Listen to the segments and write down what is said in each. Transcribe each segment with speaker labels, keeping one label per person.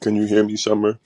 Speaker 1: Can you hear me, Summer?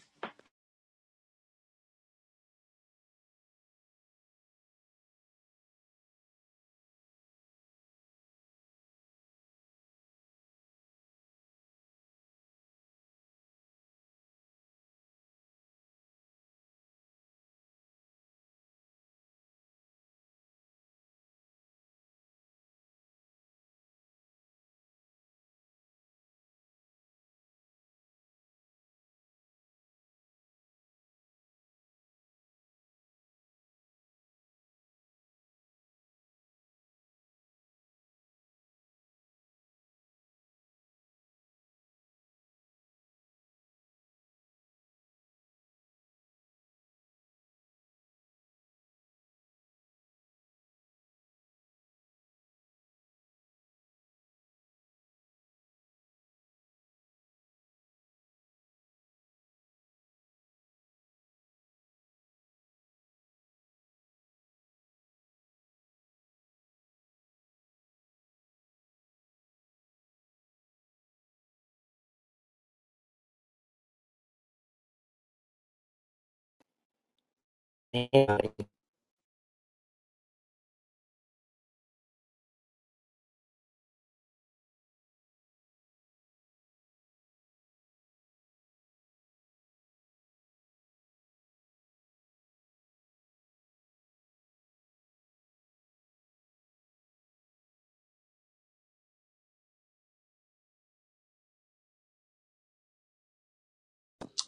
Speaker 2: Good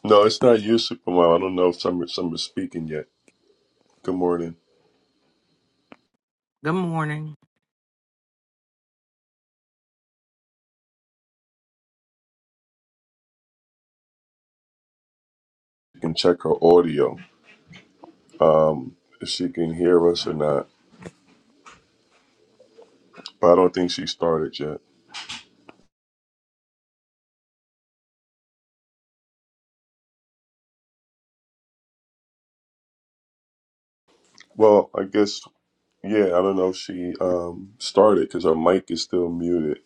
Speaker 1: No, it's not you, Supermom. I don't know if Summer Summer's speaking yet. Good morning.
Speaker 2: morning.
Speaker 1: You can check her audio if she can hear us or not. But I don't think she started yet. Well, I guess yeah. I don't know if she um started because her mic is still muted.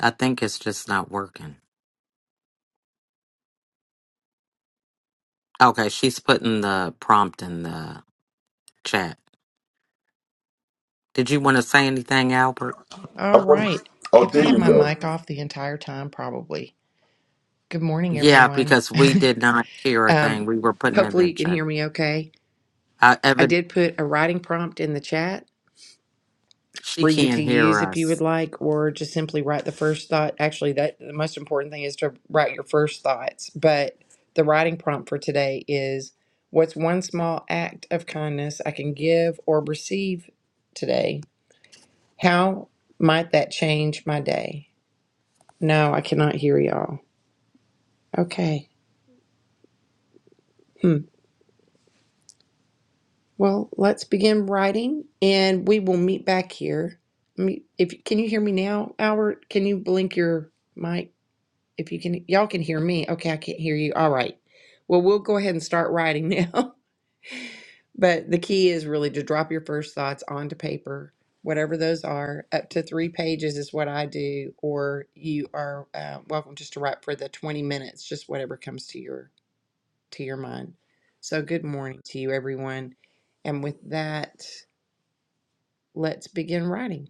Speaker 2: I think it's just not working. Okay, she's putting the prompt in the chat. Did you want to say anything, Albert?
Speaker 1: I
Speaker 3: All
Speaker 1: wonder,
Speaker 3: right.
Speaker 1: oh,
Speaker 3: Have I
Speaker 1: there
Speaker 3: had
Speaker 1: you
Speaker 3: my mic
Speaker 1: go.
Speaker 3: off the entire time? Probably. Good morning,
Speaker 2: Yeah,
Speaker 3: everyone.
Speaker 2: because we did not hear a thing.
Speaker 3: um,
Speaker 2: We were putting it
Speaker 3: hopefully,
Speaker 2: in
Speaker 3: you can
Speaker 2: chat.
Speaker 3: hear me okay.
Speaker 2: Uh,
Speaker 3: I
Speaker 2: Evan,
Speaker 3: did put a writing prompt in the chat
Speaker 2: she
Speaker 3: for you to
Speaker 2: can't hear
Speaker 3: use if you would
Speaker 2: us.
Speaker 3: like, or just simply write the first thought. Actually, that the most important thing is to write your first thoughts. But the writing prompt for today is What's one small act of kindness I can give or receive today? How might that change my day? No, I cannot hear y'all. Okay. Hmm. Well, let's begin writing and we will meet back here. Me- If can you hear me now, Albert? Can you blink your mic if you can y'all can hear me. Okay, I can't hear you. All right. Well, we'll go ahead and start writing now. But the key is really to drop your first thoughts onto paper, whatever those are. Up to three pages is what I do, or you are uh, welcome just to write for the 20 minutes, just whatever comes to your to your mind. So, good morning to you, everyone. And with that, let's begin writing.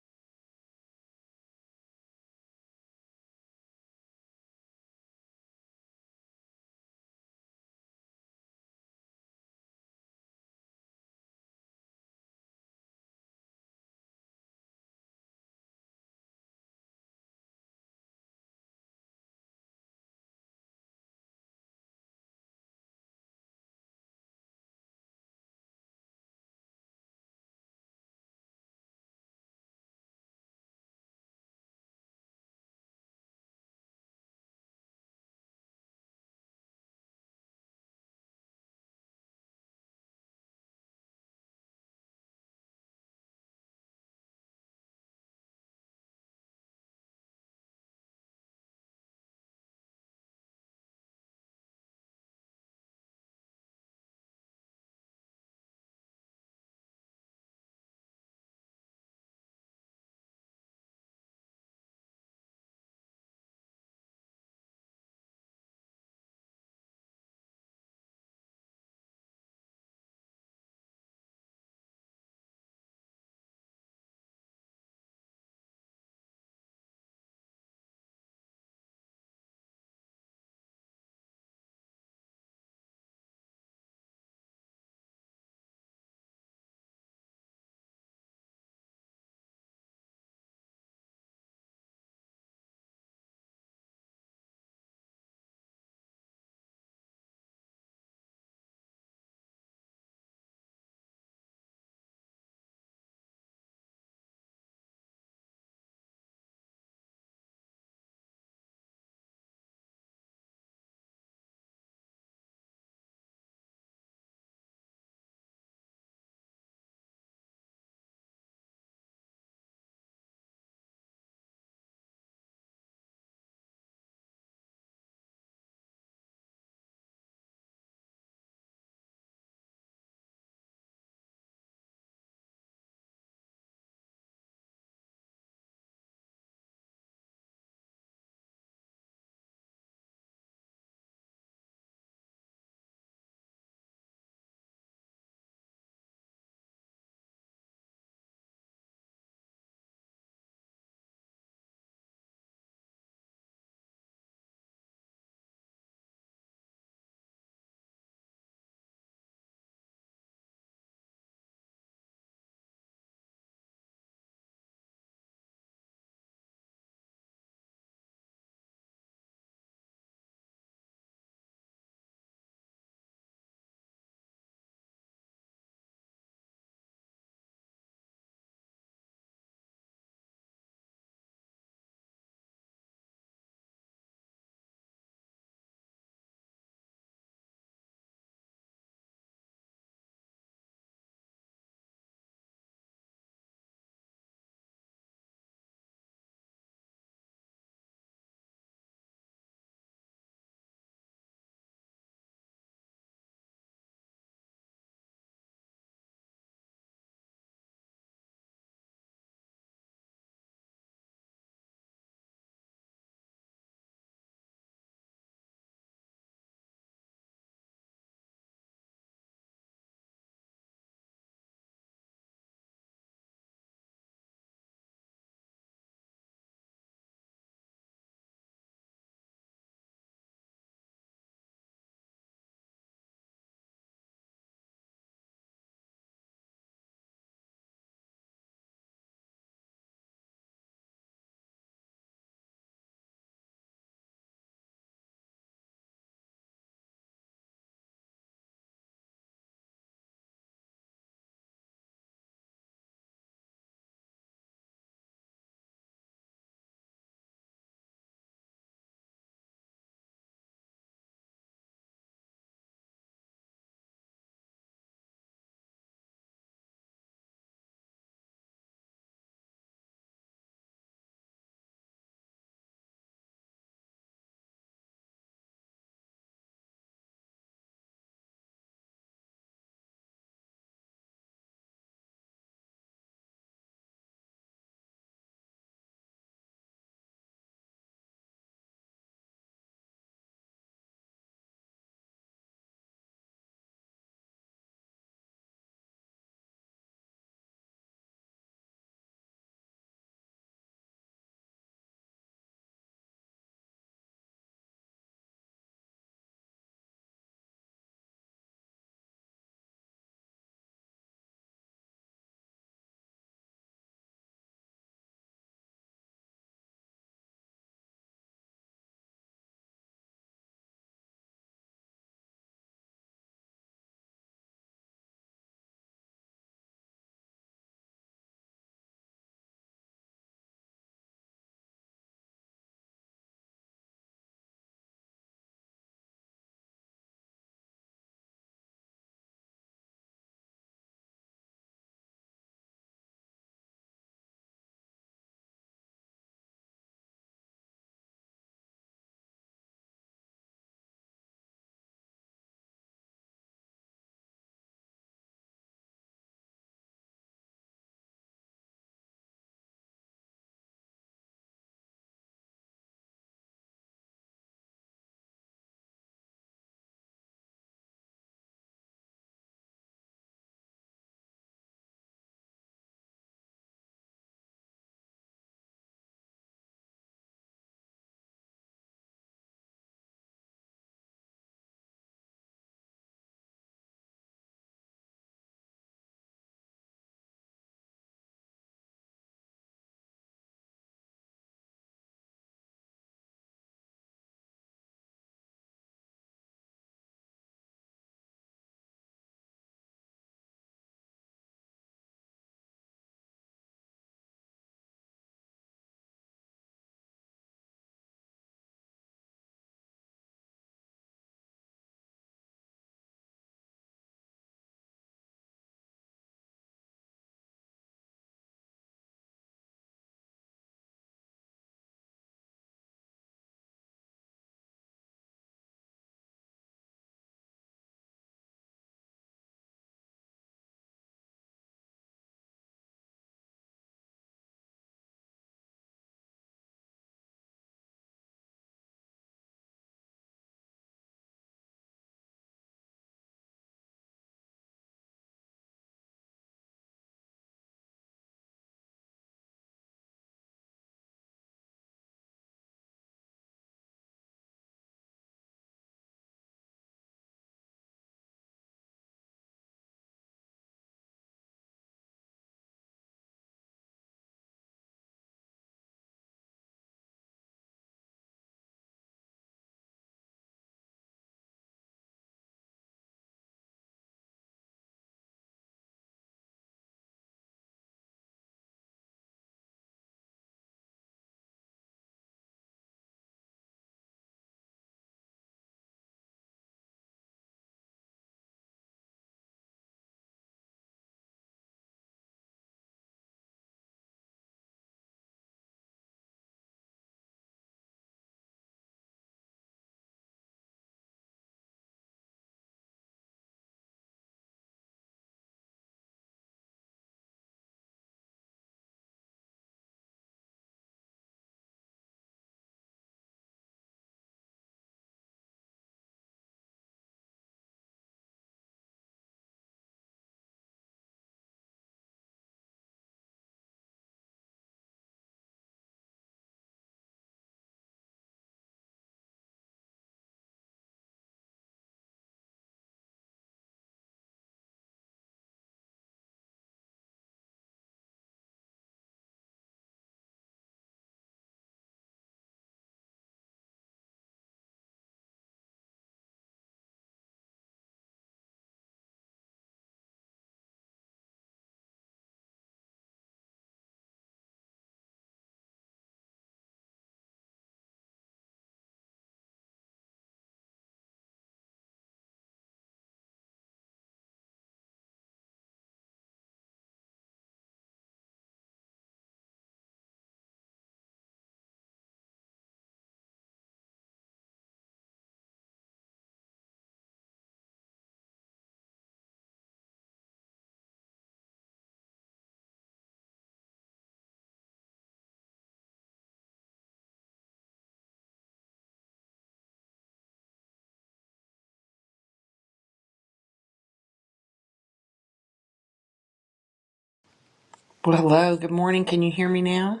Speaker 3: Well, hello. Good morning. Can you hear me now?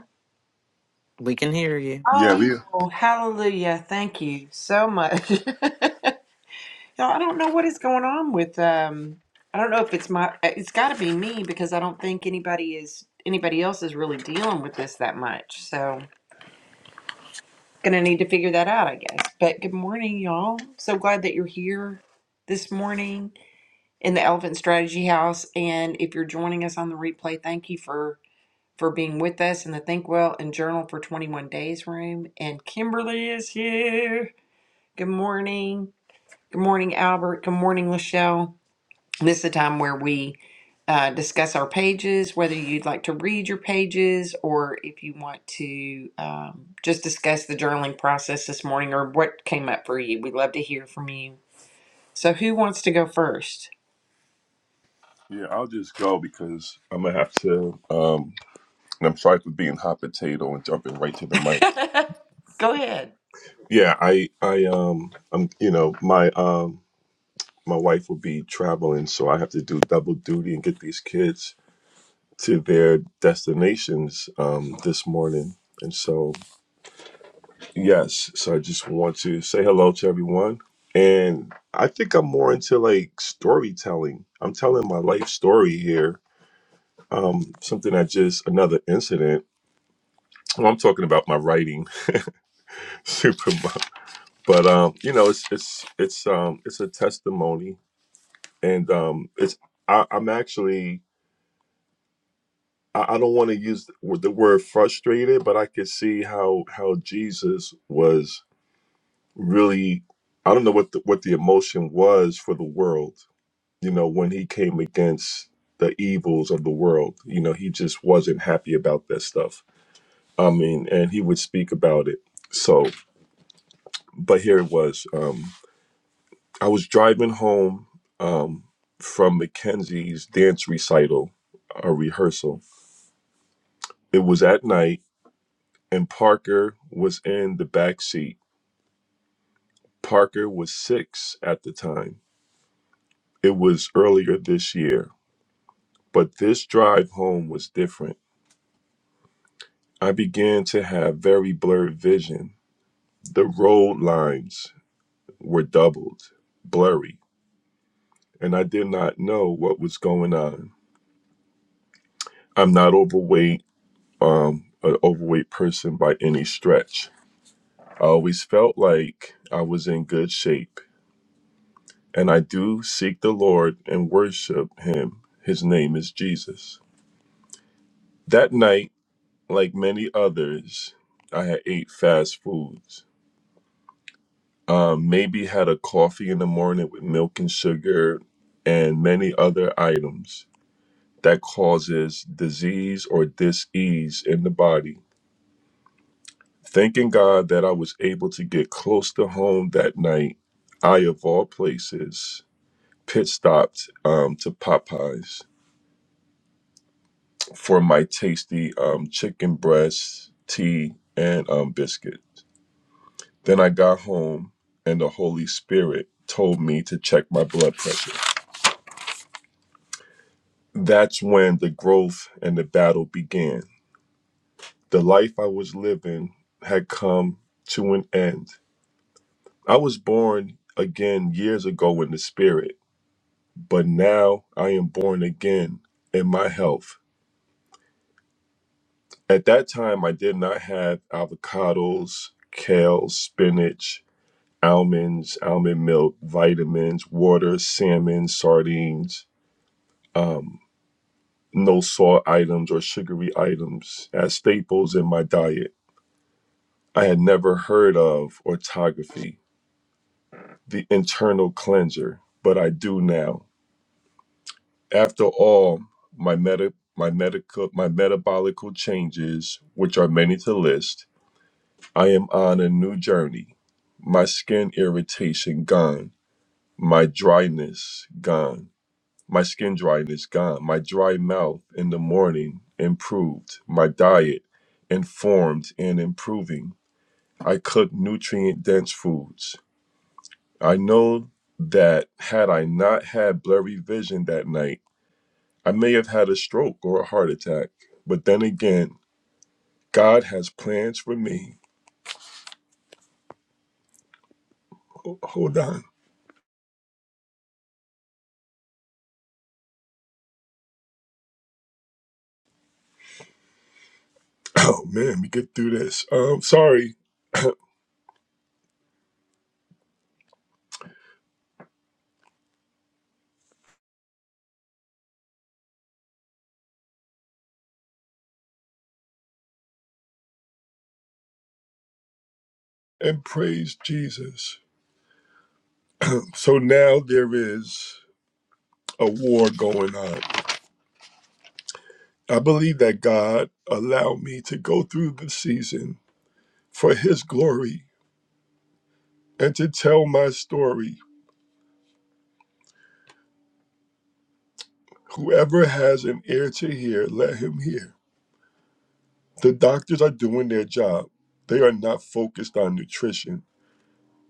Speaker 2: We can hear you.
Speaker 1: Yeah,
Speaker 3: Oh,
Speaker 1: Leah.
Speaker 3: hallelujah. Thank you so much. Y'all, I don't know what is going on with um I don't know if it's my uh, it's got to be me because I don't think anybody is anybody else is really dealing with this that much. So, going to need to figure that out, I guess. But good morning, y'all. So glad that you're here this morning. in the Elephant Strategy House. And if you're joining us on the replay, thank you for for being with us in the Think Well and Journal for 21 Days room. And Kimberly is here. Good morning. Good morning, Albert. Good morning, Lachelle. This is the time where we uh, discuss our pages, whether you'd like to read your pages or if you want to um, just discuss the journaling process this morning or what came up for you. We'd love to hear from you. So, who wants to go first?
Speaker 1: Yeah, I'll just go because I'm gonna have to. Um, and I'm sorry for being hot potato and jumping right to the mic.
Speaker 3: go ahead.
Speaker 1: Yeah, I, I, um, I'm, you know, my, um. my wife will be traveling, so I have to do double duty and get these kids to their destinations um, this morning. And so, yes, so I just want to say hello to everyone. And I think I'm more into like storytelling. I'm telling my life story here. Um, something that just another incident. Well, I'm talking about my writing, super. But um, you know, it's it's it's um it's a testimony, and um, it's I, I'm actually I, I don't want to use the word frustrated, but I could see how how Jesus was really. I don't know what the, what the emotion was for the world. You know, when he came against the evils of the world, you know, he just wasn't happy about that stuff. I mean, and he would speak about it. So, but here it was. Um, I was driving home um, from Mackenzie's dance recital, a rehearsal. It was at night and Parker was in the back seat. Parker was six at the time. It was earlier this year, but this drive home was different. I began to have very blurred vision. The road lines were doubled, blurry, and I did not know what was going on. I'm not overweight, um, an overweight person by any stretch. I always felt like I was in good shape and I do seek the Lord and worship him. His name is Jesus. That night, like many others, I had ate fast foods. Um, maybe had a coffee in the morning with milk and sugar and many other items that causes disease or dis-ease in the body. Thanking God that I was able to get close to home that night, I of all places pit stopped um, to Popeyes for my tasty um, chicken breast, tea, and um, biscuit. Then I got home, and the Holy Spirit told me to check my blood pressure. That's when the growth and the battle began. The life I was living had come to an end. I was born again years ago in the spirit, but now I am born again in my health. At that time, I did not have avocados, kale, spinach, almonds, almond milk, vitamins, water, salmon, sardines, um, no salt items or sugary items as staples in my diet. I had never heard of autography, the internal cleanser, but I do now. After all, my meta my medical my metabolical changes, which are many to list, I am on a new journey. My skin irritation gone, my dryness gone My skin dryness gone. My dry mouth in the morning improved. My diet informed and improving. I cook nutrient dense foods. I know that had I not had blurry vision that night, I may have had a stroke or a heart attack. But then again, God has plans for me. Ho- Hold on. Oh man, let me get through this. Um, sorry. And praise Jesus. So now there is a war going on I believe that God allowed me to go through the season for His glory and to tell my story. Whoever has an ear to hear, let him hear. The doctors are doing their job. They are not focused on nutrition.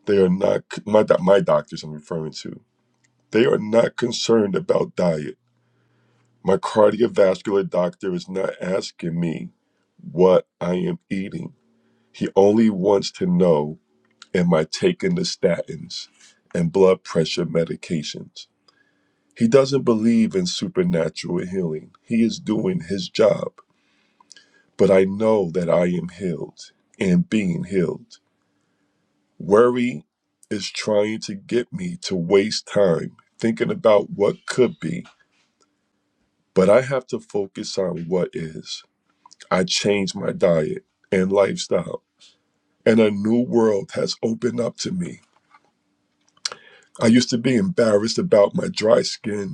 Speaker 1: They are not, my, doc- my doctors I'm referring to, they are not concerned about diet. My cardiovascular doctor is not asking me what I am eating. He only wants to know Am I taking the statins and blood pressure medications? He doesn't believe in supernatural healing. He is doing his job. But I know that I am healed and being healed. Worry is trying to get me to waste time thinking about what could be, but I have to focus on what is. I changed my diet and lifestyle, and a new world has opened up to me. I used to be embarrassed about my dry skin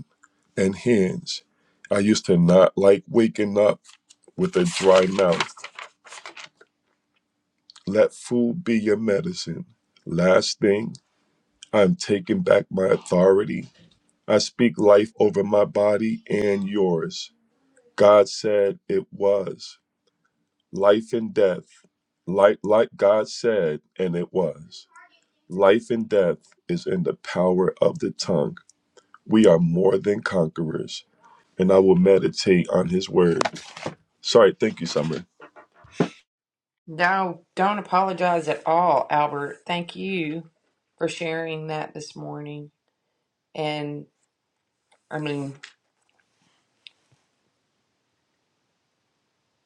Speaker 1: and hands. I used to not like waking up with a dry mouth. Let food be your medicine. Last thing, I'm taking back my authority. I speak life over my body and yours. God said it was. Life and death, like, like God said, and it was. Life and death is in the power of the tongue. We are more than conquerors, and I will meditate on his word. Sorry, thank you, Summer.
Speaker 3: No, don't apologize at all, Albert. Thank you for sharing that this morning. And I mean,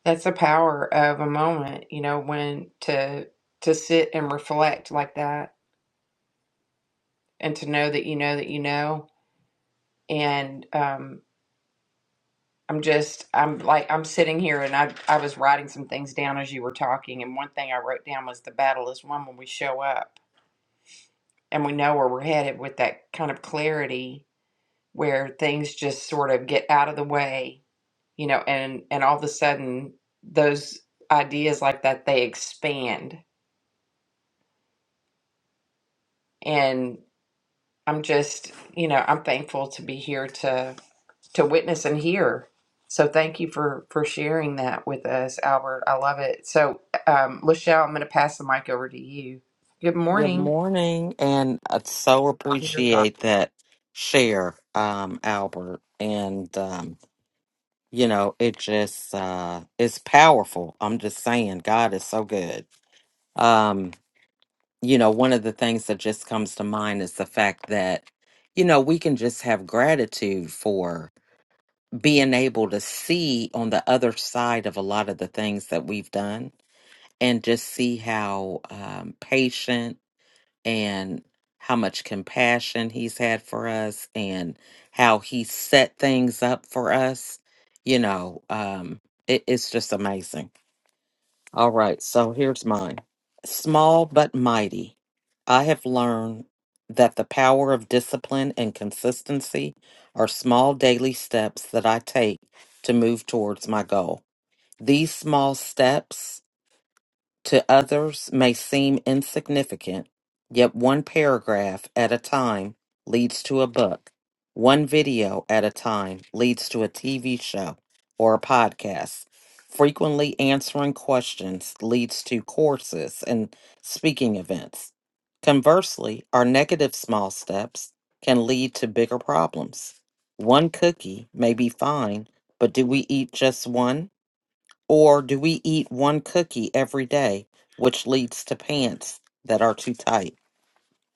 Speaker 3: that's the power of a moment, you know, when to to sit and reflect like that and to know that you know that you know. And um I'm just I'm like I'm sitting here and I I was writing some things down as you were talking and one thing I wrote down was the battle is won when we show up and we know where we're headed with that kind of clarity where things just sort of get out of the way, you know, and and all of a sudden those ideas like that they expand. And I'm just, you know, I'm thankful to be here to to witness and hear. So thank you for for sharing that with us, Albert. I love it. So, um, Lachelle, I'm going to pass the mic over to you. Good
Speaker 2: Good
Speaker 3: morning.
Speaker 2: morning, and I so
Speaker 3: And your thoughts.
Speaker 2: appreciate that share, um, Albert. And um, you know, it just uh, it's powerful. I'm just saying, God is so good. Um, you know, one of the things that just comes to mind is the fact that, you know, we can just have gratitude for being able to see on the other side of a lot of the things that we've done and just see how um, patient and how much compassion he's had for us and how he set things up for us. You know, um, it, it's just amazing. All right, so here's mine. Small but mighty. I have learned that the power of discipline and consistency are small daily steps that I take to move towards my goal. These small steps to others may seem insignificant, yet one paragraph at a time leads to a book. One video at a time leads to a TV show or a podcast. Frequently answering questions leads to courses and speaking events. Conversely, our negative small steps can lead to bigger problems. One cookie may be fine, but do we eat just one? Or do we eat one cookie every day, which leads to pants that are too tight?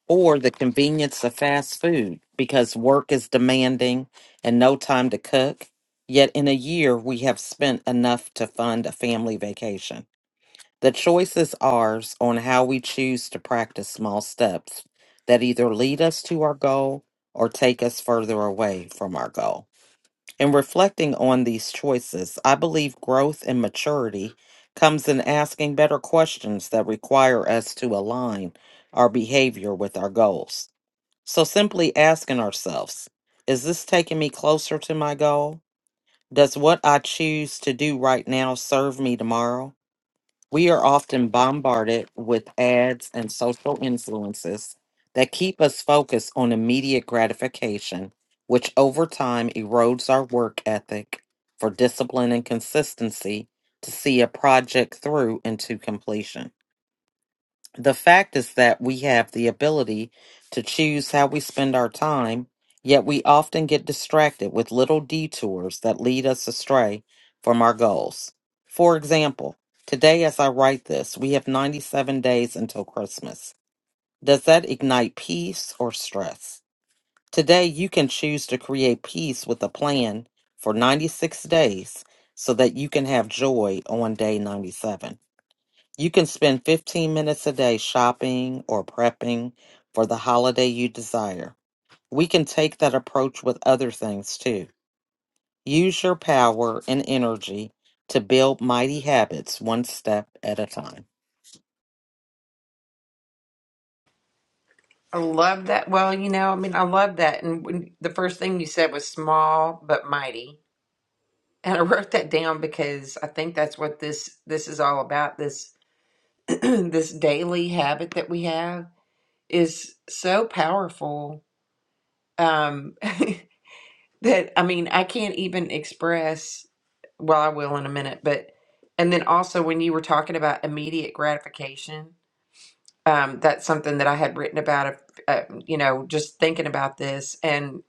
Speaker 2: Or the convenience of fast food because work is demanding and no time to cook? Yet in a year, we have spent enough to fund a family vacation. The choice is ours on how we choose to practice small steps that either lead us to our goal or take us further away from our goal. In reflecting on these choices, I believe growth and maturity comes in asking better questions that require us to align our behavior with our goals. So, simply asking ourselves, is this taking me closer to my goal? Does what I choose to do right now serve me tomorrow? We are often bombarded with ads and social influences that keep us focused on immediate gratification, which over time erodes our work ethic for discipline and consistency to see a project through into completion. The fact is that we have the ability to choose how we spend our time, yet we often get distracted with little detours that lead us astray from our goals. For example, today as I write this, we have 97 days until Christmas. Does that ignite peace or stress? Today, you can choose to create peace with a plan for 96 days so that you can have joy on day 97. You can spend 15 minutes a day shopping or prepping for the holiday you desire. We can take that approach with other things too. Use your power and energy to build mighty habits one step at a time.
Speaker 3: I love that. Well, you know, I mean, I love that. And when, the first thing you said was small but mighty And I wrote that down because I think that's what this this is all about. This this daily habit that we have is so powerful um, that I mean I can't even express. Well, I will in a minute, but and then also when you were talking about immediate gratification, um, that's something that I had written about. Uh, you know, just thinking about this, and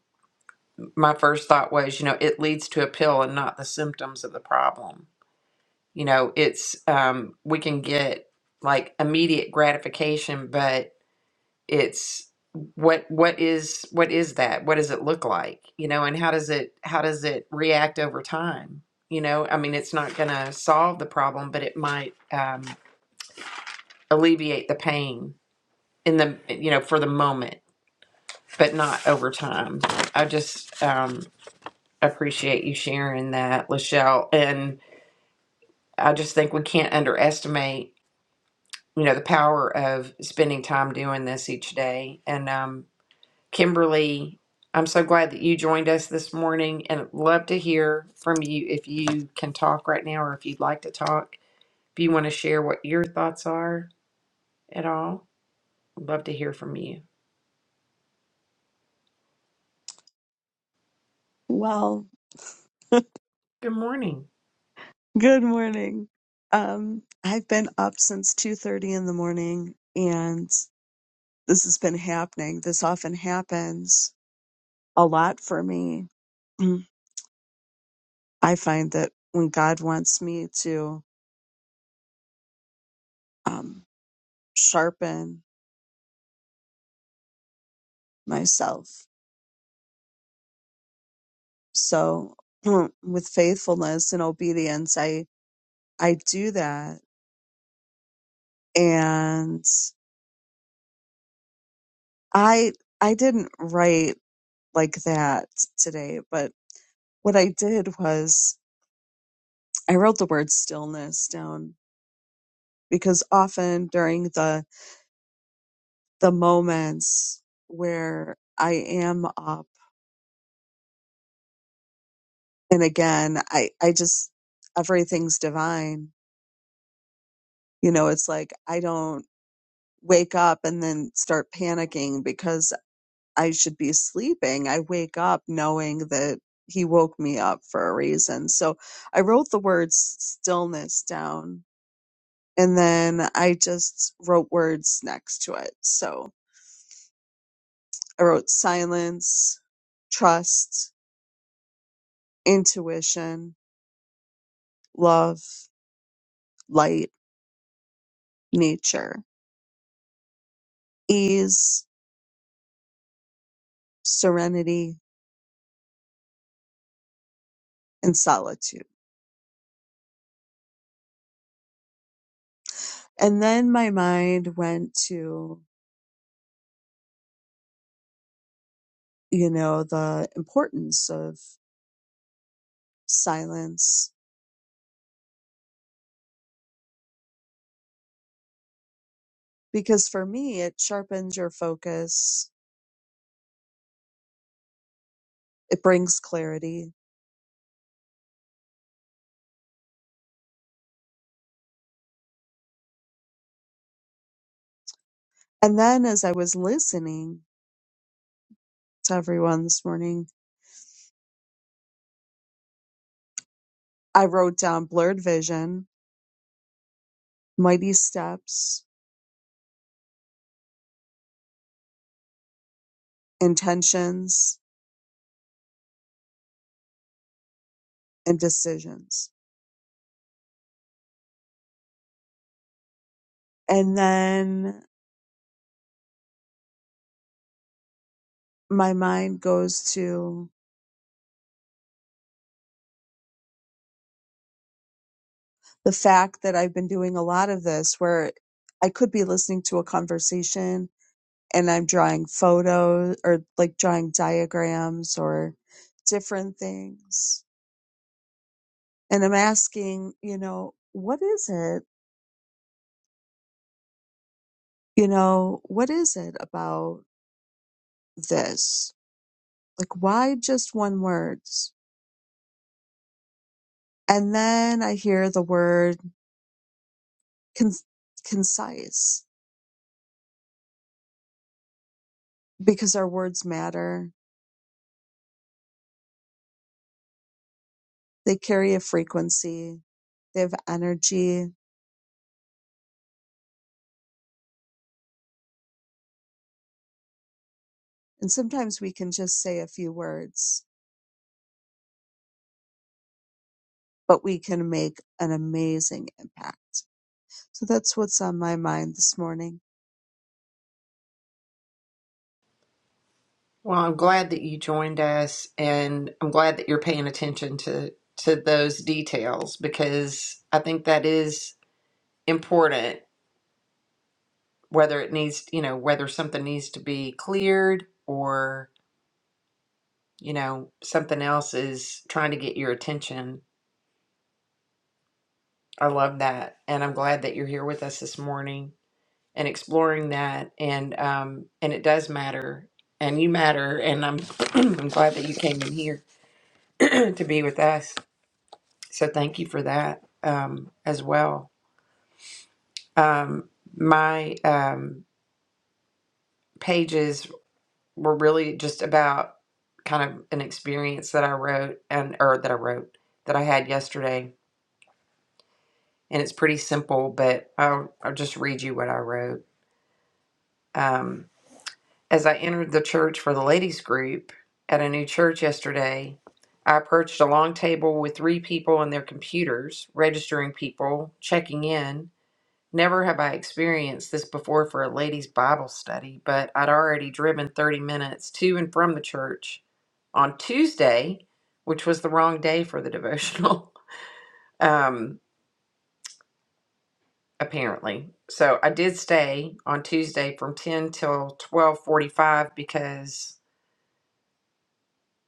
Speaker 3: my first thought was, you know, it leads to a pill and not the symptoms of the problem You know, it's um, we can get like immediate gratification, but it's what what is what is that? What does it look like? You know, and how does it how does it react over time? You know, I mean, it's not going to solve the problem, but it might um, alleviate the pain in the you know for the moment, but not over time. I just um, appreciate you sharing that, Lachelle, and I just think we can't underestimate you know the power of spending time doing this each day and um kimberly i'm so glad that you joined us this morning and I'd love to hear from you if you can talk right now or if you'd like to talk if you want to share what your thoughts are at all I'd love to hear from you
Speaker 4: Well,
Speaker 3: good morning
Speaker 4: good morning. Um, I've been up since 2:30 in the morning and this has been happening. This often happens a lot for me. Mm. I find that when God wants me to um, sharpen myself, so mm, with faithfulness and obedience, I I do that. And I I didn't write like that today, but what I did was I wrote the word stillness down because often during the the moments where I am up and again I I just everything's divine. You know, it's like I don't wake up and then start panicking because I should be sleeping. I wake up knowing that he woke me up for a reason. So I wrote the words stillness down and then I just wrote words next to it. So I wrote silence, trust, intuition, love, light, nature, ease, serenity, and solitude. And then my mind went to, you know, the importance of silence because for me, it sharpens your focus, it brings clarity. And then as I was listening to everyone this morning, I wrote down blurred vision, mighty steps, intentions and decisions. And then my mind goes to the fact that I've been doing a lot of this where I could be listening to a conversation and I'm drawing photos or like drawing diagrams or different things. And I'm asking, you know, what is it? You know, what is it about this? Like, why just one word? And then I hear the word con- concise because our words matter. They carry a frequency, they have energy. And sometimes we can just say a few words, but we can make an amazing impact. So that's what's on my mind this morning.
Speaker 3: well i'm glad that you joined us and i'm glad that you're paying attention to to those details because i think that is important whether it needs, you know, whether something needs to be cleared or, you know, something else is trying to get your attention. I love that. And I'm glad that you're here with us this morning and exploring that. And, um, and it does matter and you matter. And I'm, I'm glad that you came in here to be with us. So thank you for that, um, as well. Um, my, um, pages were really just about kind of an experience that I wrote and or that I wrote that I had yesterday. And it's pretty simple, but I'll, I'll just read you what I wrote. Um, as I entered the church for the ladies' group at a new church yesterday, I approached a long table with three people and their computers, registering people, checking in, Never have I experienced this before for a ladies' Bible study, but I'd already driven 30 minutes to and from the church on Tuesday, which was the wrong day for the devotional, um, apparently. So I did stay on Tuesday from 10 till 12:45 because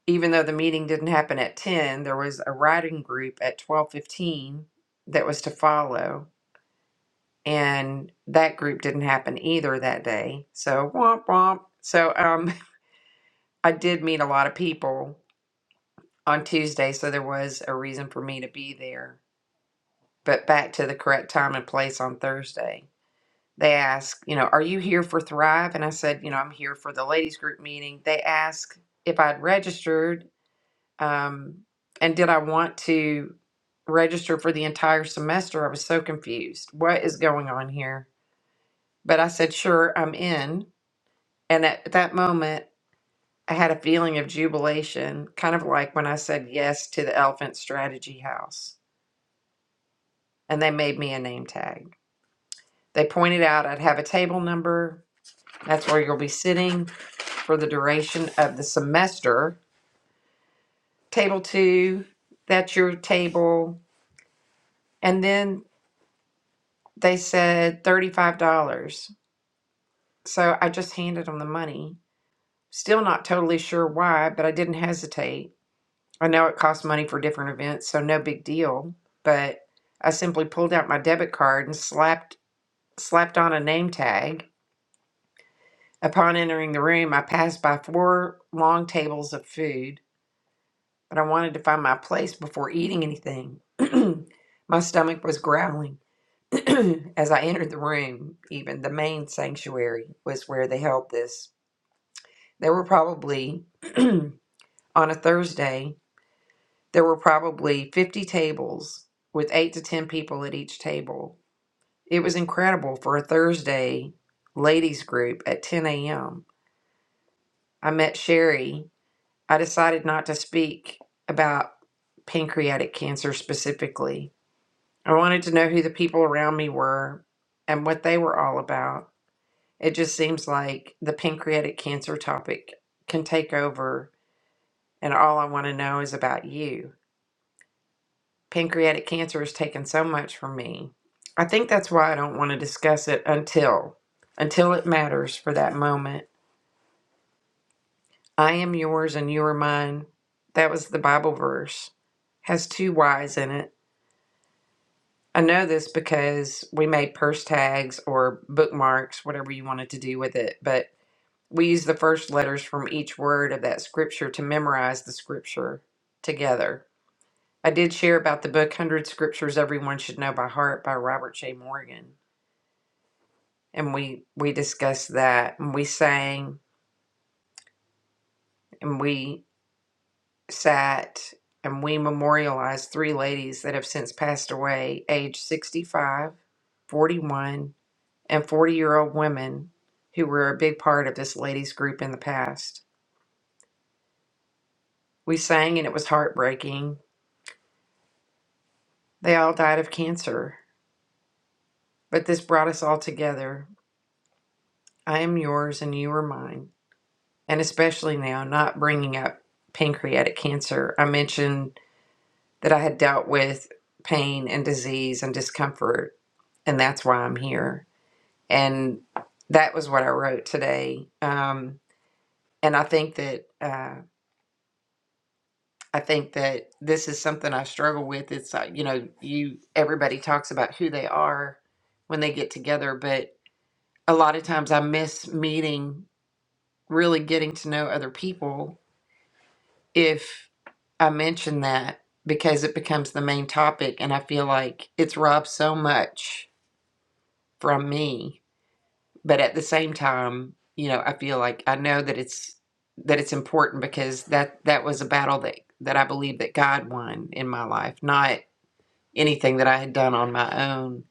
Speaker 3: even though the meeting didn't happen at 10, there was a writing group at 12:15 that was to follow and that group didn't happen either that day. So womp womp. So um, I did meet a lot of people on Tuesday, so there was a reason for me to be there. But back to the correct time and place on Thursday. They asked, you know, are you here for Thrive? And I said, you know, I'm here for the ladies group meeting. They asked if I'd registered um, and did I want to register for the entire semester. I was so confused. What is going on here? But I said, sure, I'm in. And at that moment, I had a feeling of jubilation, kind of like when I said yes to the Elephant Strategy House, and they made me a name tag. They pointed out I'd have a table number. That's where you'll be sitting for the duration of the semester. Table two, that's your table. And then they said $35. So I just handed them the money. Still not totally sure why, but I didn't hesitate. I know it costs money for different events, so no big deal. But I simply pulled out my debit card and slapped slapped on a name tag. Upon entering the room, I passed by four long tables of food, but I wanted to find my place before eating anything. my stomach was growling as I entered the room. Even the main sanctuary was where they held this. They were probably on a Thursday There were probably 50 tables with eight to 10 people at each table. It was incredible for a Thursday ladies group at 10 a.m. I met Sherry. I decided not to speak about pancreatic cancer specifically. I wanted to know who the people around me were and what they were all about. It just seems like the pancreatic cancer topic can take over, and all I want to know is about you. Pancreatic cancer has taken so much from me. I think that's why I don't want to discuss it until until it matters for that moment. I am yours and you are mine. That was the Bible verse. Has two Y's in it. I know this because we made purse tags or bookmarks, whatever you wanted to do with it, but we use the first letters from each word of that scripture to memorize the scripture together. I did share about the book 100 Scriptures Everyone Should Know by Heart by Robert J. Morgan. and we we discussed that and we sang and we sat and we memorialized three ladies that have since passed away age 65, 41, and 40 year old women who were a big part of this ladies group in the past we sang and it was heartbreaking they all died of cancer but this brought us all together i am yours and you are mine and especially now not bringing up pancreatic cancer i mentioned that I had dealt with pain and disease and discomfort, and that's why I'm here. And that was what I wrote today. Um, and I think that uh, I think that this is something I struggle with. It's like you know, you everybody talks about who they are when they get together, but a lot of times I miss meeting, really getting to know other people if I mention that because it becomes the main topic, and I feel like it's robbed so much from me but at the same time you know i feel like i know that it's that it's important because that that was a battle that that i believe that god won in my life not anything that i had done on my own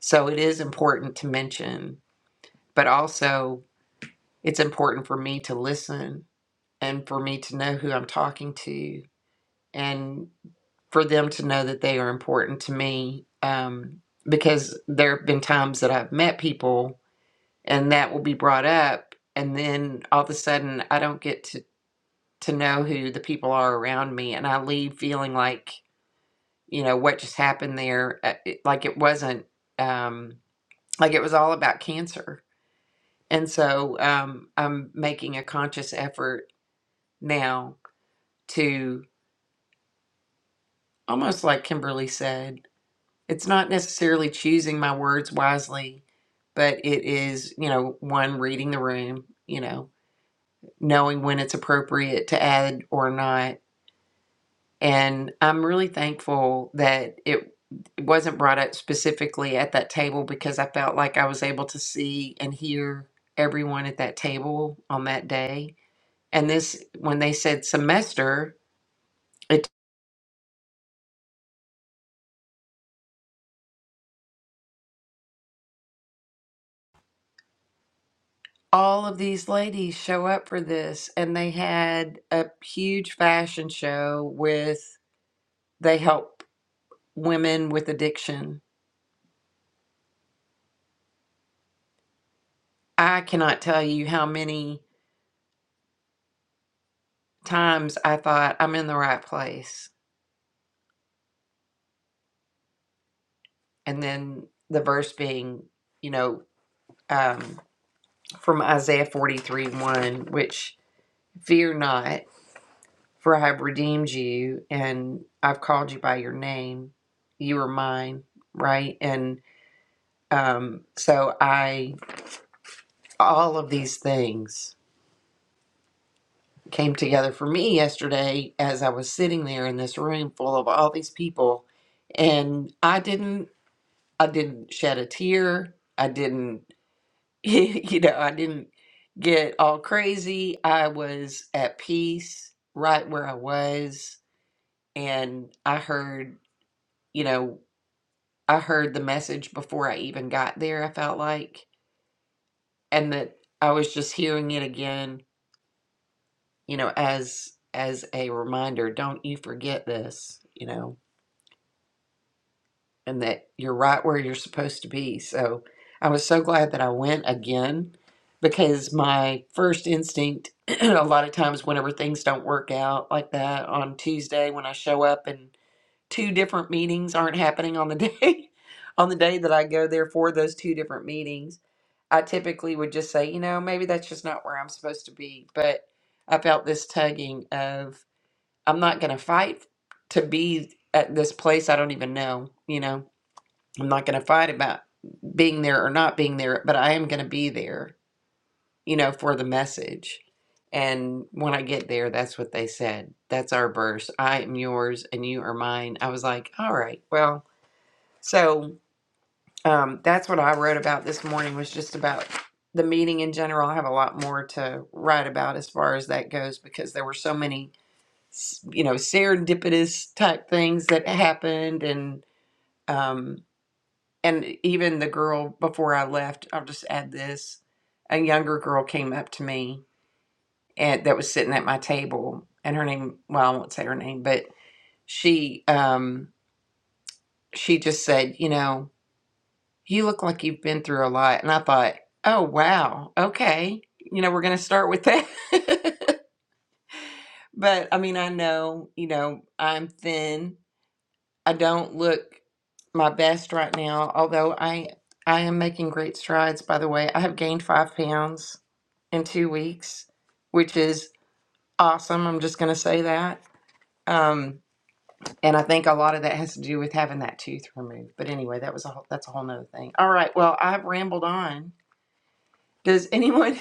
Speaker 3: so it is important to mention but also it's important for me to listen and for me to know who i'm talking to and for them to know that they are important to me um, because there have been times that i've met people and that will be brought up and then all of a sudden i don't get to to know who the people are around me and i leave feeling like you know what just happened there uh, it, like it wasn't um like it was all about cancer and so um i'm making a conscious effort now to almost like kimberly said it's not necessarily choosing my words wisely but it is you know one reading the room you know knowing when it's appropriate to add or not. And I'm really thankful that it it wasn't brought up specifically at that table because I felt like I was able to see and hear everyone at that table on that day. And this, when they said semester, it all of these ladies show up for this, and they had a huge fashion show with they help women with addiction. I cannot tell you how many times I thought I'm in the right place. And then the verse being, you know, um, from Isaiah 43 1, which fear not, for I have redeemed you and I've called you by your name. You are mine, right? And um, so I, all of these things came together for me yesterday as I was sitting there in this room full of all these people. And I didn't, I didn't shed a tear. I didn't you know, I didn't get all crazy. I was at peace right where I was. And I heard, you know, I heard the message before I even got there, I felt like, and that I was just hearing it again, you know, as as a reminder, don't you forget this, you know. and that you're right where you're supposed to be. So I was so glad that I went again because my first instinct, a lot of times, whenever things don't work out like that on Tuesday, when I show up and two different meetings aren't happening on the day, on the day that I go there for those two different meetings, I typically would just say, you know, maybe that's just not where I'm supposed to be. But I felt this tugging of, I'm not going to fight to be at this place I don't even know, you know? I'm not going to fight about being there or not being there, but I am going to be there, you know, for the message. And when I get there, that's what they said. That's our verse. I am yours and you are mine. I was like, all right, well, so um, that's what I wrote about this morning was just about the meeting in general. I have a lot more to write about as far as that goes because there were so many, you know, serendipitous type things that happened and, um, and even the girl before I left, I'll just add this. A younger girl came up to me and that was sitting at my table and her name well, I won't say her name, but she um she just said, you know, you look like you've been through a lot and I thought, Oh wow, okay. You know, we're gonna start with that. but I mean I know, you know, I'm thin I don't look my best right now, although I I am making great strides, by the way. I have gained five pounds in two weeks, which is awesome. I'm just gonna say that. Um, and I think a lot of that has to do with having that tooth removed. But anyway, that was a whole, that's a whole nother thing. All right, well, I've rambled on. Does anyone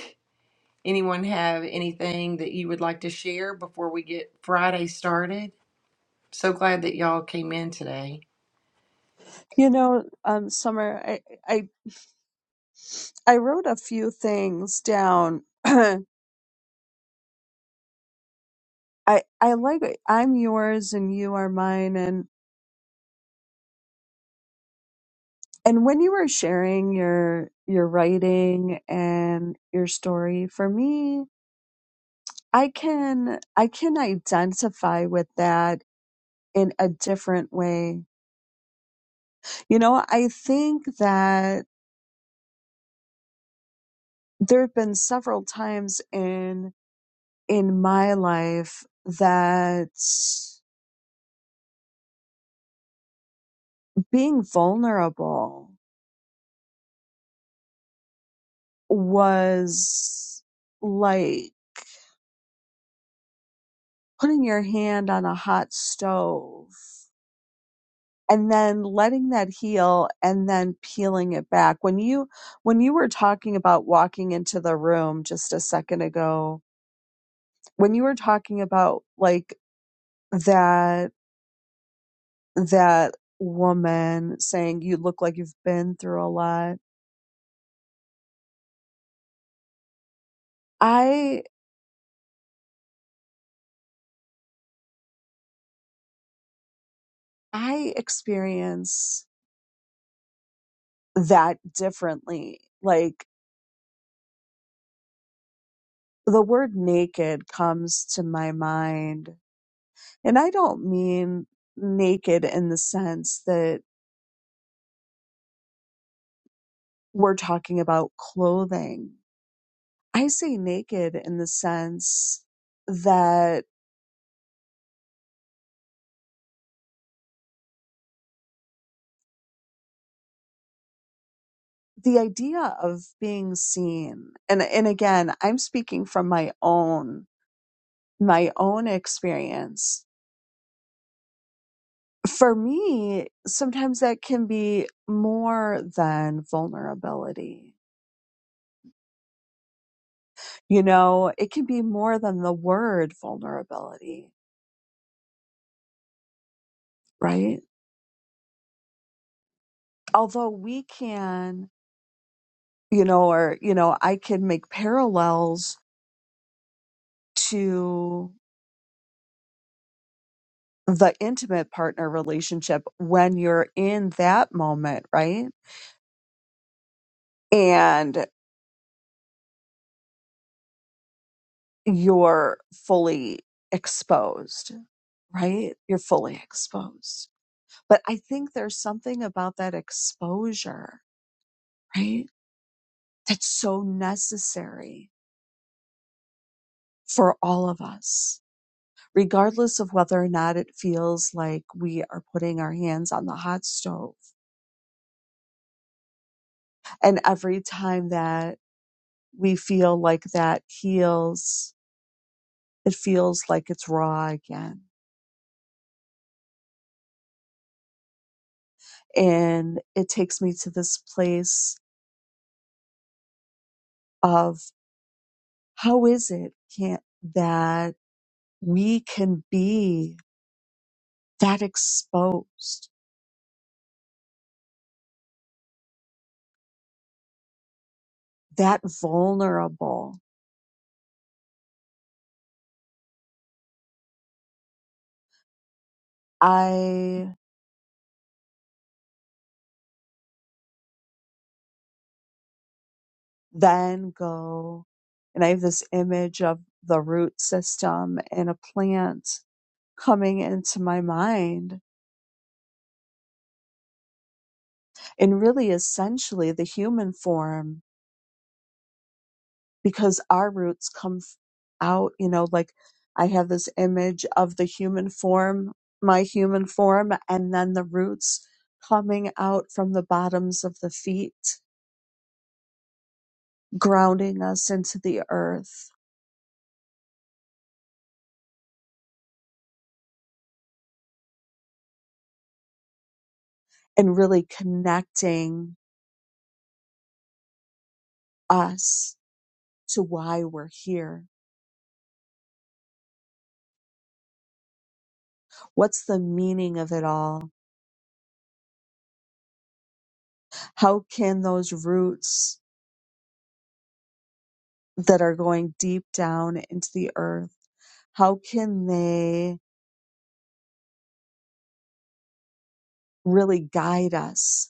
Speaker 3: anyone have anything that you would like to share before we get Friday started? So glad that y'all came in today.
Speaker 4: You know, um, Summer, I, I, I wrote a few things down. I, I like it. I'm yours and you are mine. and. And when you were sharing your your writing and your story, for me, I can I can identify with that in a different way. You know, I think that there have been several times in in my life that being vulnerable was like putting your hand on a hot stove and then letting that heal and then peeling it back when you when you were talking about walking into the room just a second ago when you were talking about like that that woman saying you look like you've been through a lot i i experience that differently like the word naked comes to my mind and i don't mean naked in the sense that we're talking about clothing. I say naked in the sense that the idea of being seen, and, and again, I'm speaking from my own, my own experience. For me, sometimes that can be more than vulnerability. You know, it can be more than the word vulnerability, right? Although we can, you know, or, you know, I can make parallels to the intimate partner relationship when you're in that moment, right? And you're fully exposed, right? You're fully exposed. But I think there's something about that exposure, right? That's so necessary for all of us, regardless of whether or not it feels like we are putting our hands on the hot stove. And every time that we feel like that heals. It feels like it's raw again. And it takes me to this place of how is it can that we can be that exposed, that vulnerable? I then go and I have this image of the root system in a plant coming into my mind and really essentially the human form because our roots come f- out, you know, like I have this image of the human form, my human form, and then the roots coming out from the bottoms of the feet, grounding us into the earth and really connecting us to why we're here. What's the meaning of it all? How can those roots that are going deep down into the earth, how can they really guide us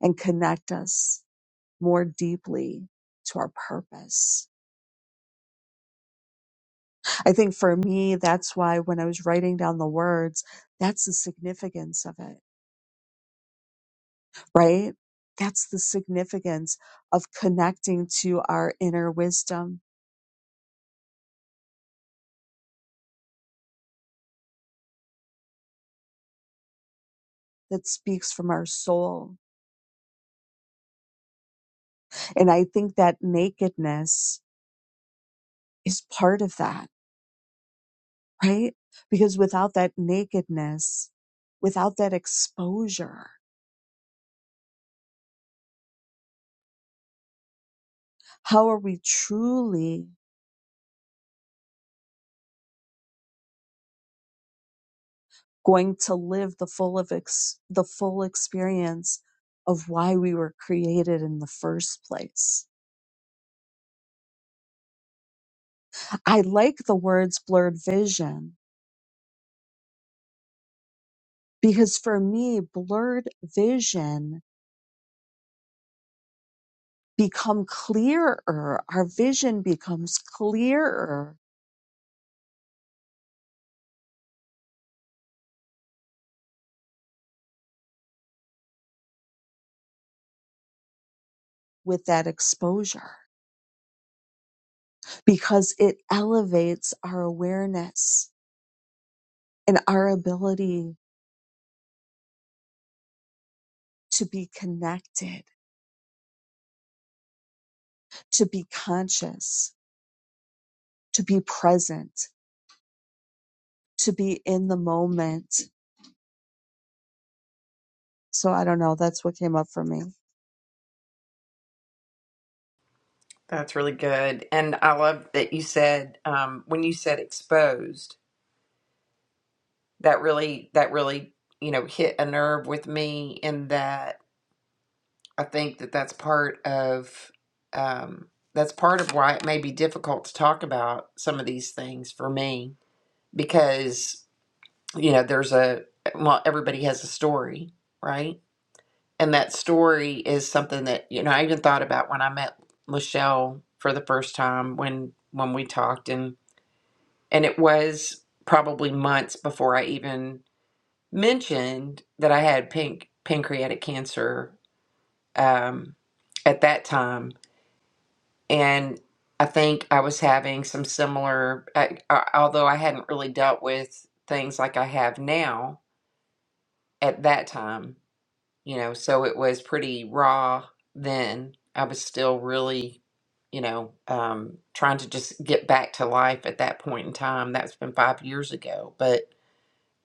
Speaker 4: and connect us more deeply to our purpose. I think for me, that's why when I was writing down the words, that's the significance of it, right? That's the significance of connecting to our inner wisdom that speaks from our soul. And I think that nakedness is part of that, right? Because without that nakedness, without that exposure, how are we truly going to live the full of ex- the full experience of why we were created in the first place. I like the words blurred vision because for me blurred vision become clearer. Our vision becomes clearer with that exposure because it elevates our awareness and our ability to be connected, to be conscious, to be present to be in the moment. So I don't know. That's what came up for me.
Speaker 3: That's really good. And I love that you said um, when you said exposed, that really that really, you know, hit a nerve with me in that I think that that's part of um, that's part of why it may be difficult to talk about some of these things for me because, you know, there's a well, everybody has a story, right? And that story is something that, you know, I even thought about when I met Lachelle for the first time when when we talked And it was probably months before I even mentioned that I had pink pancreatic cancer um, at that time. And I think I was having some similar, I, I, although I hadn't really dealt with things like I have now at that time, you know, so it was pretty raw then. I was still really, you know, um, trying to just get back to life at that point in time. That's been five years ago. But,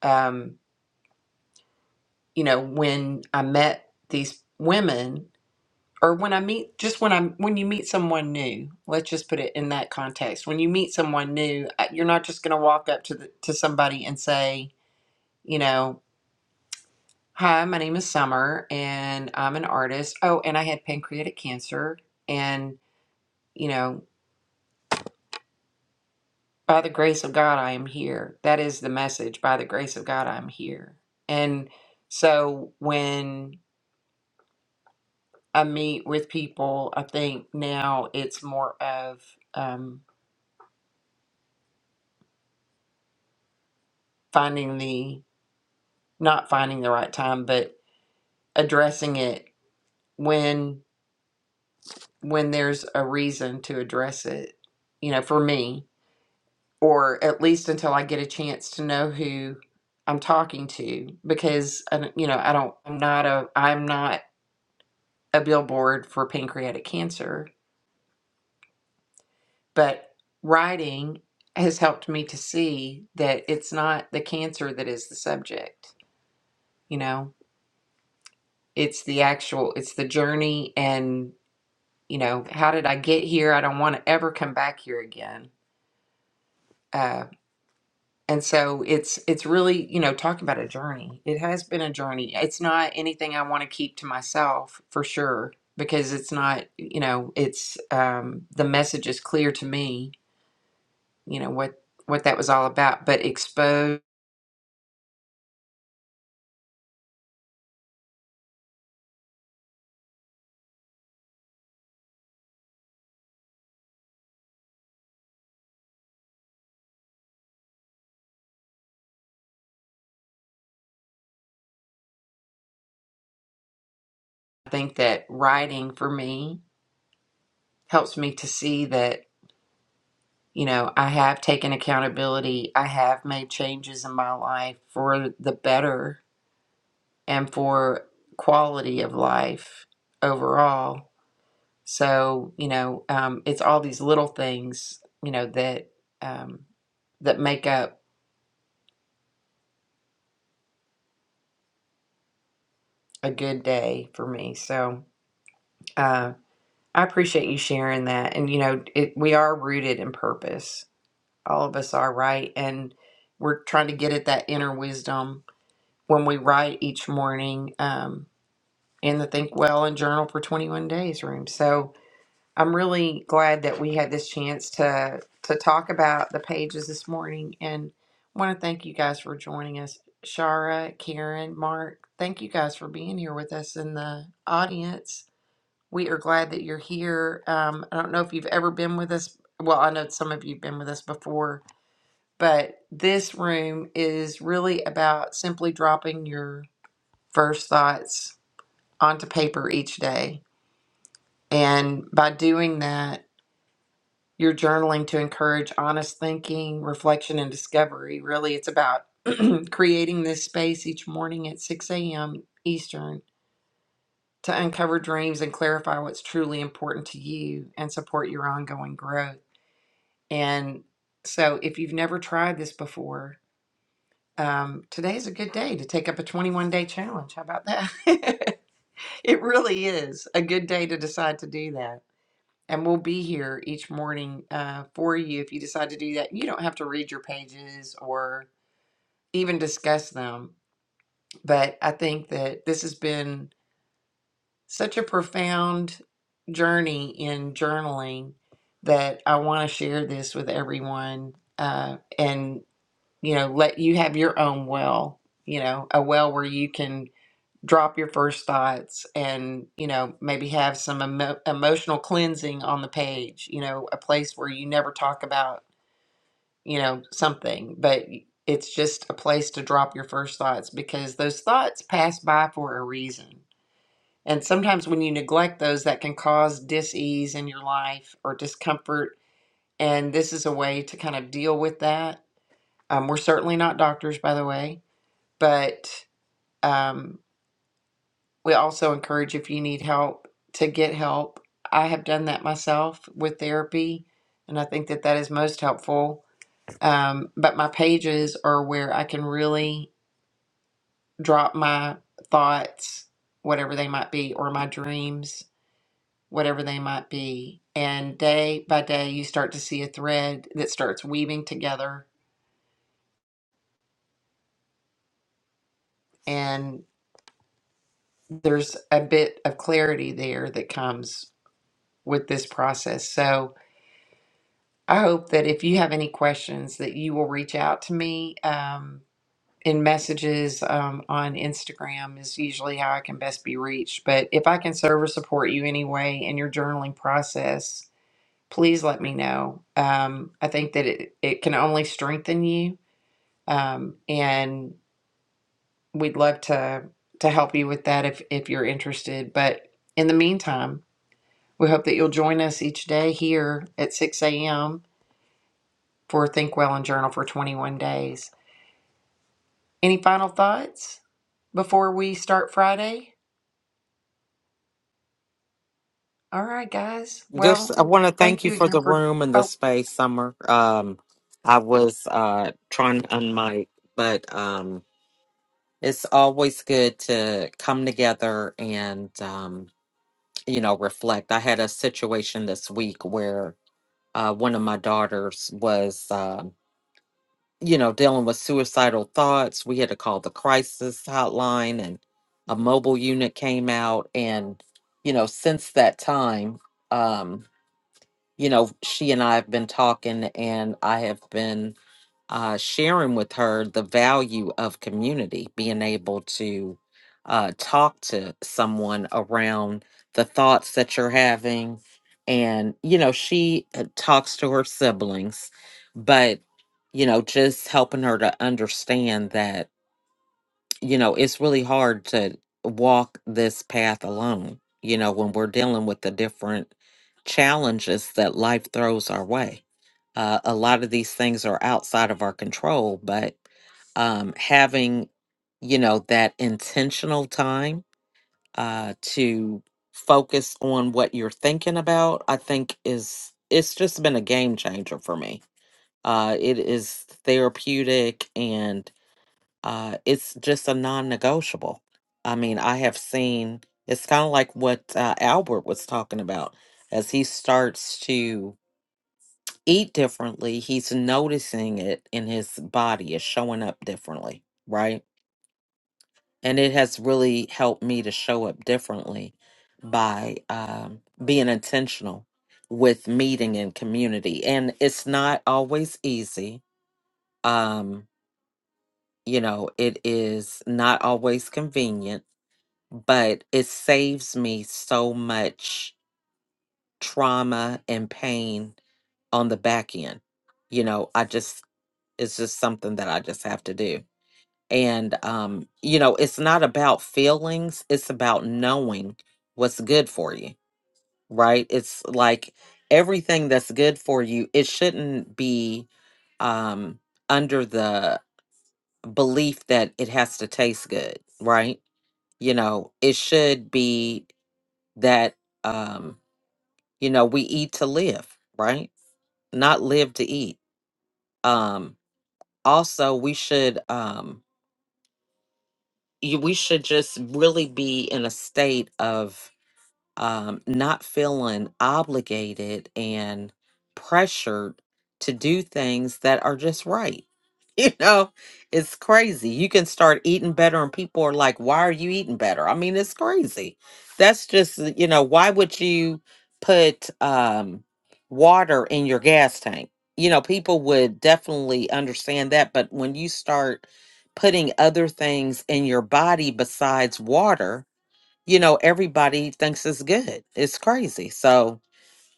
Speaker 3: um, you know, when I met these women or when I meet just when I'm when you meet someone new, let's just put it in that context. When you meet someone new, uh, you're not just going to walk up to the, to somebody and say, you know, "Hi, my name is Summer and I'm an artist. Oh, and I had pancreatic cancer and, you know, by the grace of God I am here." That is the message, by the grace of God I'm here. And so when I meet with people, I think now it's more of um, finding the not finding the right time, but addressing it when when there's a reason to address it. You know, for me, or at least until I get a chance to know who I'm talking to, because I don't- you know I don't I'm not a I'm not a billboard for pancreatic cancer but writing has helped me to see that it's not the cancer that is the subject you know it's the actual it's the journey and you know how did i get here i don't want to ever come back here again uh, and so it's it's really you know talking about a journey it has been a journey it's not anything i want to keep to myself for sure because it's not you know it's um, the message is clear to me you know what what that was all about but exposed I think that writing for me helps me to see that, you know, I have taken accountability. I have made changes in my life for the better and for quality of life overall. So, you know, um, it's all these little things, you know, that um, that make up a good day for me. So, uh, I appreciate you sharing that. And, you know, it, we are rooted in purpose all of us are right and we're trying to get at that inner wisdom when we write each morning um, in the think well and journal for 21 days room so i'm really glad that we had this chance to to talk about the pages this morning and want to thank you guys for joining us shara karen mark thank you guys for being here with us in the audience we are glad that you're here um, i don't know if you've ever been with us well i know some of you've been with us before but this room is really about simply dropping your first thoughts onto paper each day. And by doing that, you're journaling to encourage honest thinking, reflection, and discovery. Really, it's about creating this space each morning at 6 a.m. Eastern to uncover dreams and clarify what's truly important to you and support your ongoing growth. And so, if you've never tried this before, um, today's a good day to take up a 21 day challenge. How about that? it really is a good day to decide to do that. And we'll be here each morning uh, for you if you decide to do that. You don't have to read your pages or even discuss them. But I think that this has been such a profound journey in journaling that I want to share this with everyone uh, and, you know, let you have your own well, you know, a well where you can drop your first thoughts and you know maybe have some emo- emotional cleansing on the page you know a place where you never talk about you know something but it's just a place to drop your first thoughts because those thoughts pass by for a reason and sometimes when you neglect those that can cause dis-ease in your life or discomfort and this is a way to kind of deal with that um, we're certainly not doctors by the way but um, We also encourage if you need help to get help. I have done that myself with therapy, and I think that that is most helpful. Um, but my pages are where I can really drop my thoughts, whatever they might be, or my dreams, whatever they might be. And day by day, you start to see a thread that starts weaving together, and there's a bit of clarity there that comes with this process. So, I hope that if you have any questions, that you will reach out to me um, in messages um, on Instagram is usually how I can best be reached. But if I can serve or support you anyway in your journaling process, please let me know. Um, I think that it, it can only strengthen you, um, and we'd love to to help you with that if if you're interested. But in the meantime, we hope that you'll join us each day here at 6 a.m for Think Well and Journal for 21 days. Any final thoughts before we start Friday? All right, guys.
Speaker 2: Just,
Speaker 3: Well,
Speaker 2: I want to thank
Speaker 3: thank
Speaker 2: you
Speaker 3: you
Speaker 2: for
Speaker 3: again
Speaker 2: the
Speaker 3: for.
Speaker 2: room and the
Speaker 3: Oh,
Speaker 2: space, Summer. Um, I was uh, trying to unmic, but um, it's always good to come together and, um, you know, reflect. I had a situation this week where uh, one of my daughters was, um, you know, dealing with suicidal thoughts. We had to call the crisis hotline, and a mobile unit came out. And, you know, since that time, um, you know, she and I have been talking, and I have been uh, sharing with her the value of community, being able to uh, talk to someone around the thoughts that you're having. And, you know, she uh, talks to her siblings, but, you know, just helping her to understand that you know, it's really hard to walk this path alone, you know, when we're dealing with the different challenges that life throws our way. Uh, a lot of these things are outside of our control, but um, having, you know, that intentional time uh, to focus on what you're thinking about, I think is, it's just been a game changer for me. Uh, it is therapeutic and uh, it's just a non-negotiable. I mean, I have seen it's kind of like what uh, Albert was talking about. As he starts to eat differently, he's noticing it in his body is showing up differently, right? And it has really helped me to show up differently by um, being intentional with meeting in community. And it's not always easy. Um, you know, it is not always convenient but it saves me so much trauma and pain on the back end. You know, I just it's just something that I just have to do. And um, you know, it's not about feelings, it's about knowing what's good for you, right? It's like everything that's good for you, it shouldn't be um under the belief that it has to taste good, right? You know, it should be that um you know we eat to live right not live to eat um also we should um you, we should just really be in a state of um, not feeling obligated and pressured to do things that are just right. You know, it's crazy. You can start eating better, and people are like, Why are you eating better? I mean, it's crazy. That's just, uh, you know, why would you put um, water in your gas tank? You know, people would definitely understand that. But when you start putting other things in your body besides water, you know everybody thinks it's good it's crazy so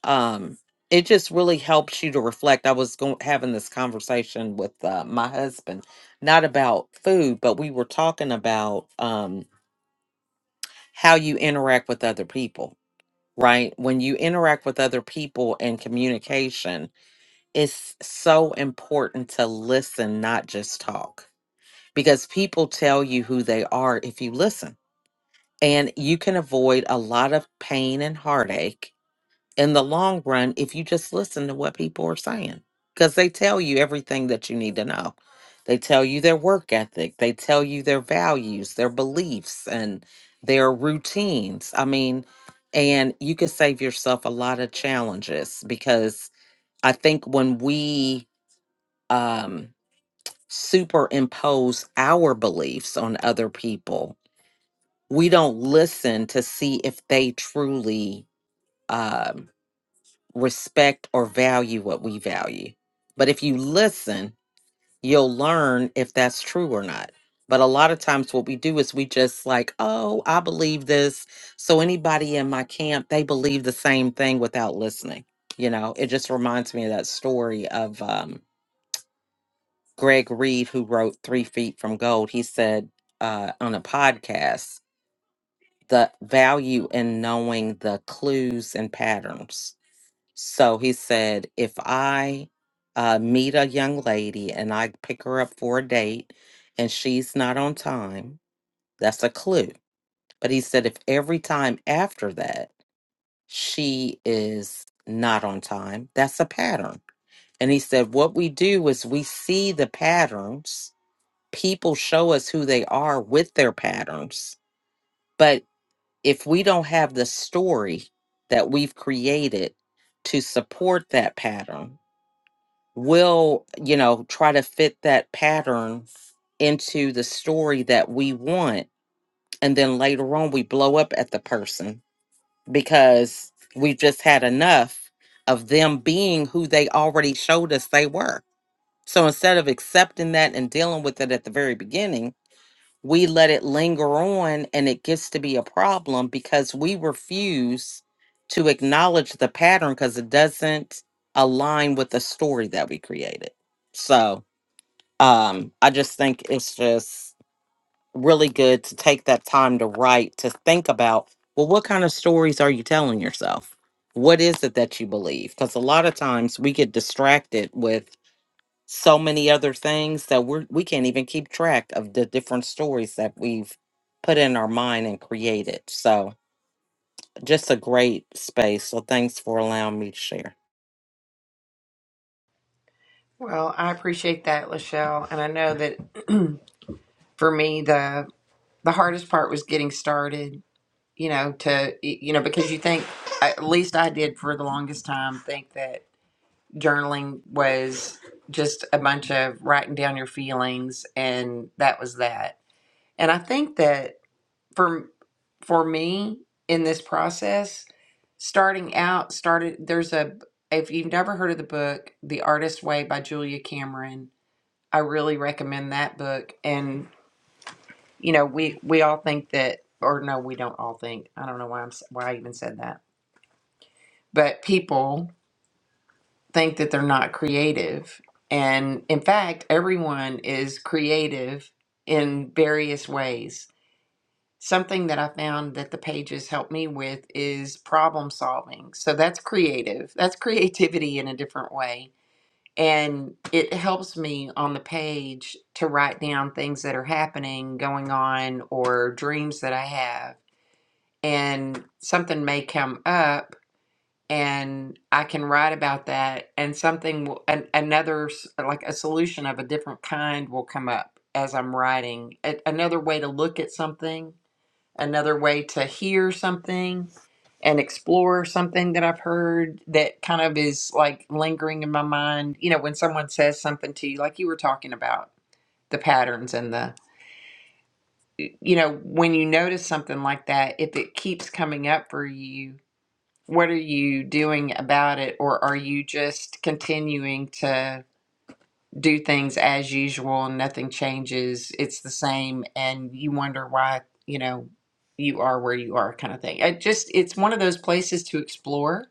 Speaker 2: um it just really helps you to reflect i was going having this conversation with uh, my husband not about food but we were talking about um how you interact with other people right when you interact with other people and communication it's so important to listen not just talk because people tell you who they are if you listen and you can avoid a lot of pain and heartache in the long run if you just listen to what people are saying because they tell you everything that you need to know they tell you their work ethic they tell you their values their beliefs and their routines i mean and you can save yourself a lot of challenges because i think when we um superimpose our beliefs on other people we don't listen to see if they truly um respect or value what we value. But if you listen, you'll learn if that's true or not. But a lot of times, what we do is we just like, oh, I believe this. So anybody in my camp, they believe the same thing without listening. You know, it just reminds me of that story of um, Greg Reed, who wrote Three Feet from Gold. He said uh, on a podcast, the value in knowing the clues and patterns so he said, if I uh, meet a young lady and I pick her up for a date and she's not on time, that's a clue. But he said, if every time after that she is not on time, that's a pattern. And he said, what we do is we see the patterns. People show us who they are with their patterns. But if we don't have the story that we've created to support that pattern, we'll you know try to fit that pattern into the story that we want and then later on we blow up at the person because we've just had enough of them being who they already showed us they were so instead of accepting that and dealing with it at the very beginning we let it linger on and it gets to be a problem because we refuse to acknowledge the pattern because it doesn't align with the story that we created so um i just think it's just really good to take that time to write to think about well what kind of stories are you telling yourself what is it that you believe because a lot of times we get distracted with so many other things that we're we can't even keep track of the different stories that we've put in our mind and created so just a great space so thanks for allowing me to share
Speaker 3: well, I appreciate that, Lachelle, and I know that for me the the hardest part was getting started. You know, to you know, because you think at least I did for the longest time think that journaling was just a bunch of writing down your feelings and that was that. And I think that for for me in this process starting out started there's a if you've never heard of the book the artist way by julia cameron i really recommend that book and you know we we all think that or no we don't all think i don't know why i'm s- why i even said that but people think that they're not creative and in fact everyone is creative in various ways Something that I found that the pages help me with is problem solving. So that's creative. That's creativity in a different way. And it helps me on the page to write down things that are happening, going on, or dreams that I have. And something may come up and I can write about that and something will, an, another s- like a solution of a different kind will come up as I'm writing. A, another way to look at something another way to hear something and explore something that I've heard that kind of is like lingering in my mind. You know, when someone says something to you, like you were talking about the patterns and the, you know, when you notice something like that, if it keeps coming up for you, what are you doing about it? Or are you just continuing to? do things as usual and nothing changes it's the same and you wonder why you know you are where you are kind of thing it just it's one of those places to explore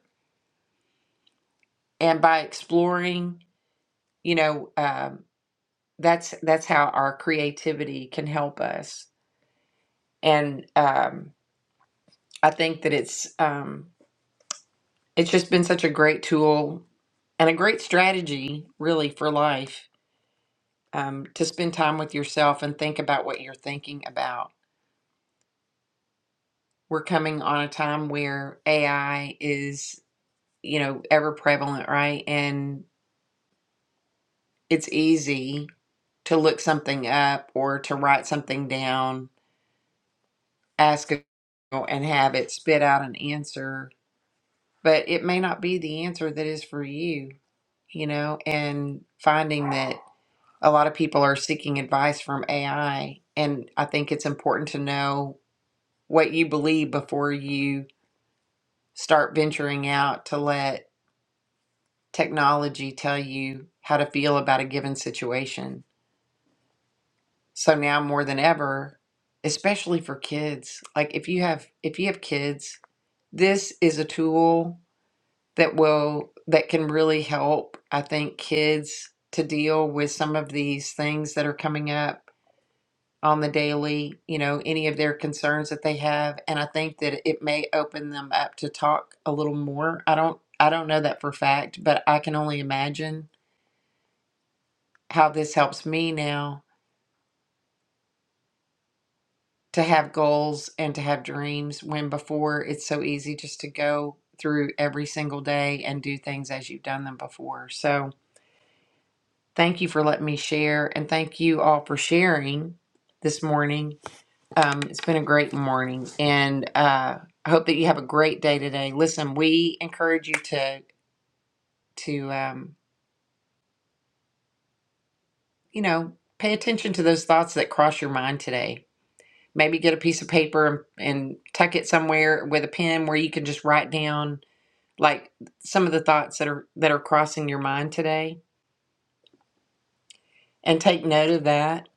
Speaker 3: and by exploring you know um, that's that's how our creativity can help us and um, i think that it's um, it's just been such a great tool and a great strategy really for life um, to spend time with yourself and think about what you're thinking about we're coming on a time where AI is, you know, ever prevalent, right? And it's easy to look something up or to write something down, ask it, and have it spit out an answer, but it may not be the answer that is for you, you know, and finding that a lot of people are seeking advice from AI. And I think it's important to know what you believe before you start venturing out to let technology tell you how to feel about a given situation. So now more than ever, especially for kids, like if you have if you have kids, this is a tool that will that can really help I think kids to deal with some of these things that are coming up on the daily, you know, any of their concerns that they have and I think that it may open them up to talk a little more. I don't I don't know that for a fact, but I can only imagine how this helps me now to have goals and to have dreams when before it's so easy just to go through every single day and do things as you've done them before. So, thank you for letting me share and thank you all for sharing this morning. Um, it's been a great morning and uh, I hope that you have a great day today. Listen, we encourage you to to um, you know pay attention to those thoughts that cross your mind today Maybe get a piece of paper and, and tuck it somewhere with a pen where you can just write down like some of the thoughts that are that are crossing your mind today and take note of that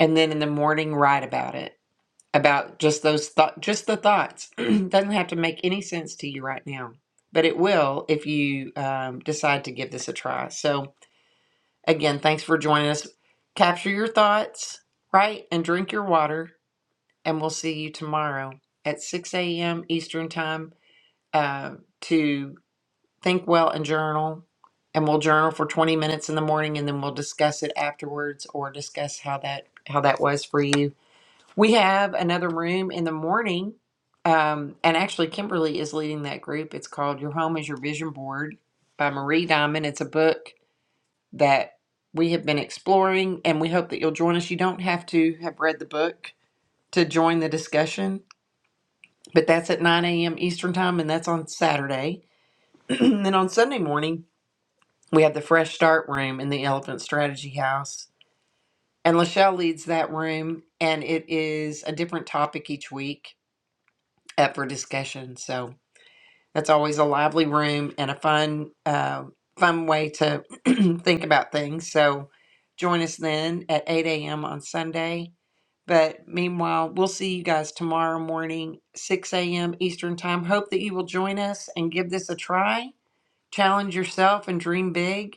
Speaker 3: and then in the morning write about it about just those thought just the thoughts doesn't have to make any sense to you right now but it will if you um, decide to give this a try so again thanks for joining us capture your thoughts right and drink your water and we'll see you tomorrow at 6 a.m eastern time uh, to think well and journal. And we'll journal for 20 minutes in the morning and then we'll discuss it afterwards or discuss how that how that was for you. We have another room in the morning. Um, and actually Kimberly is leading that group. It's called Your Home is Your Vision Board by Marie Diamond. It's a book that we have been exploring and we hope that you'll join us. You don't have to have read the book to join the discussion, but that's at 9 a.m. Eastern time and that's on Saturday then on Sunday morning, we have the Fresh Start room in the Elephant Strategy House. And Lachelle leads that room, and it is a different topic each week up for discussion. So that's always a lively room and a fun, uh, fun way to think about things. So join us then at 8 a.m. on Sunday. But meanwhile, we'll see you guys tomorrow morning, 6 a.m. Eastern Time. Hope that you will join us and give this a try challenge yourself and dream big.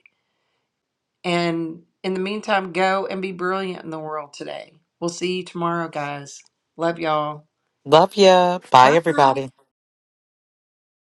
Speaker 3: And in the meantime, go and be brilliant in the world today. We'll see you tomorrow, guys. Love y'all.
Speaker 2: love ya bye
Speaker 3: Bye.
Speaker 2: everybody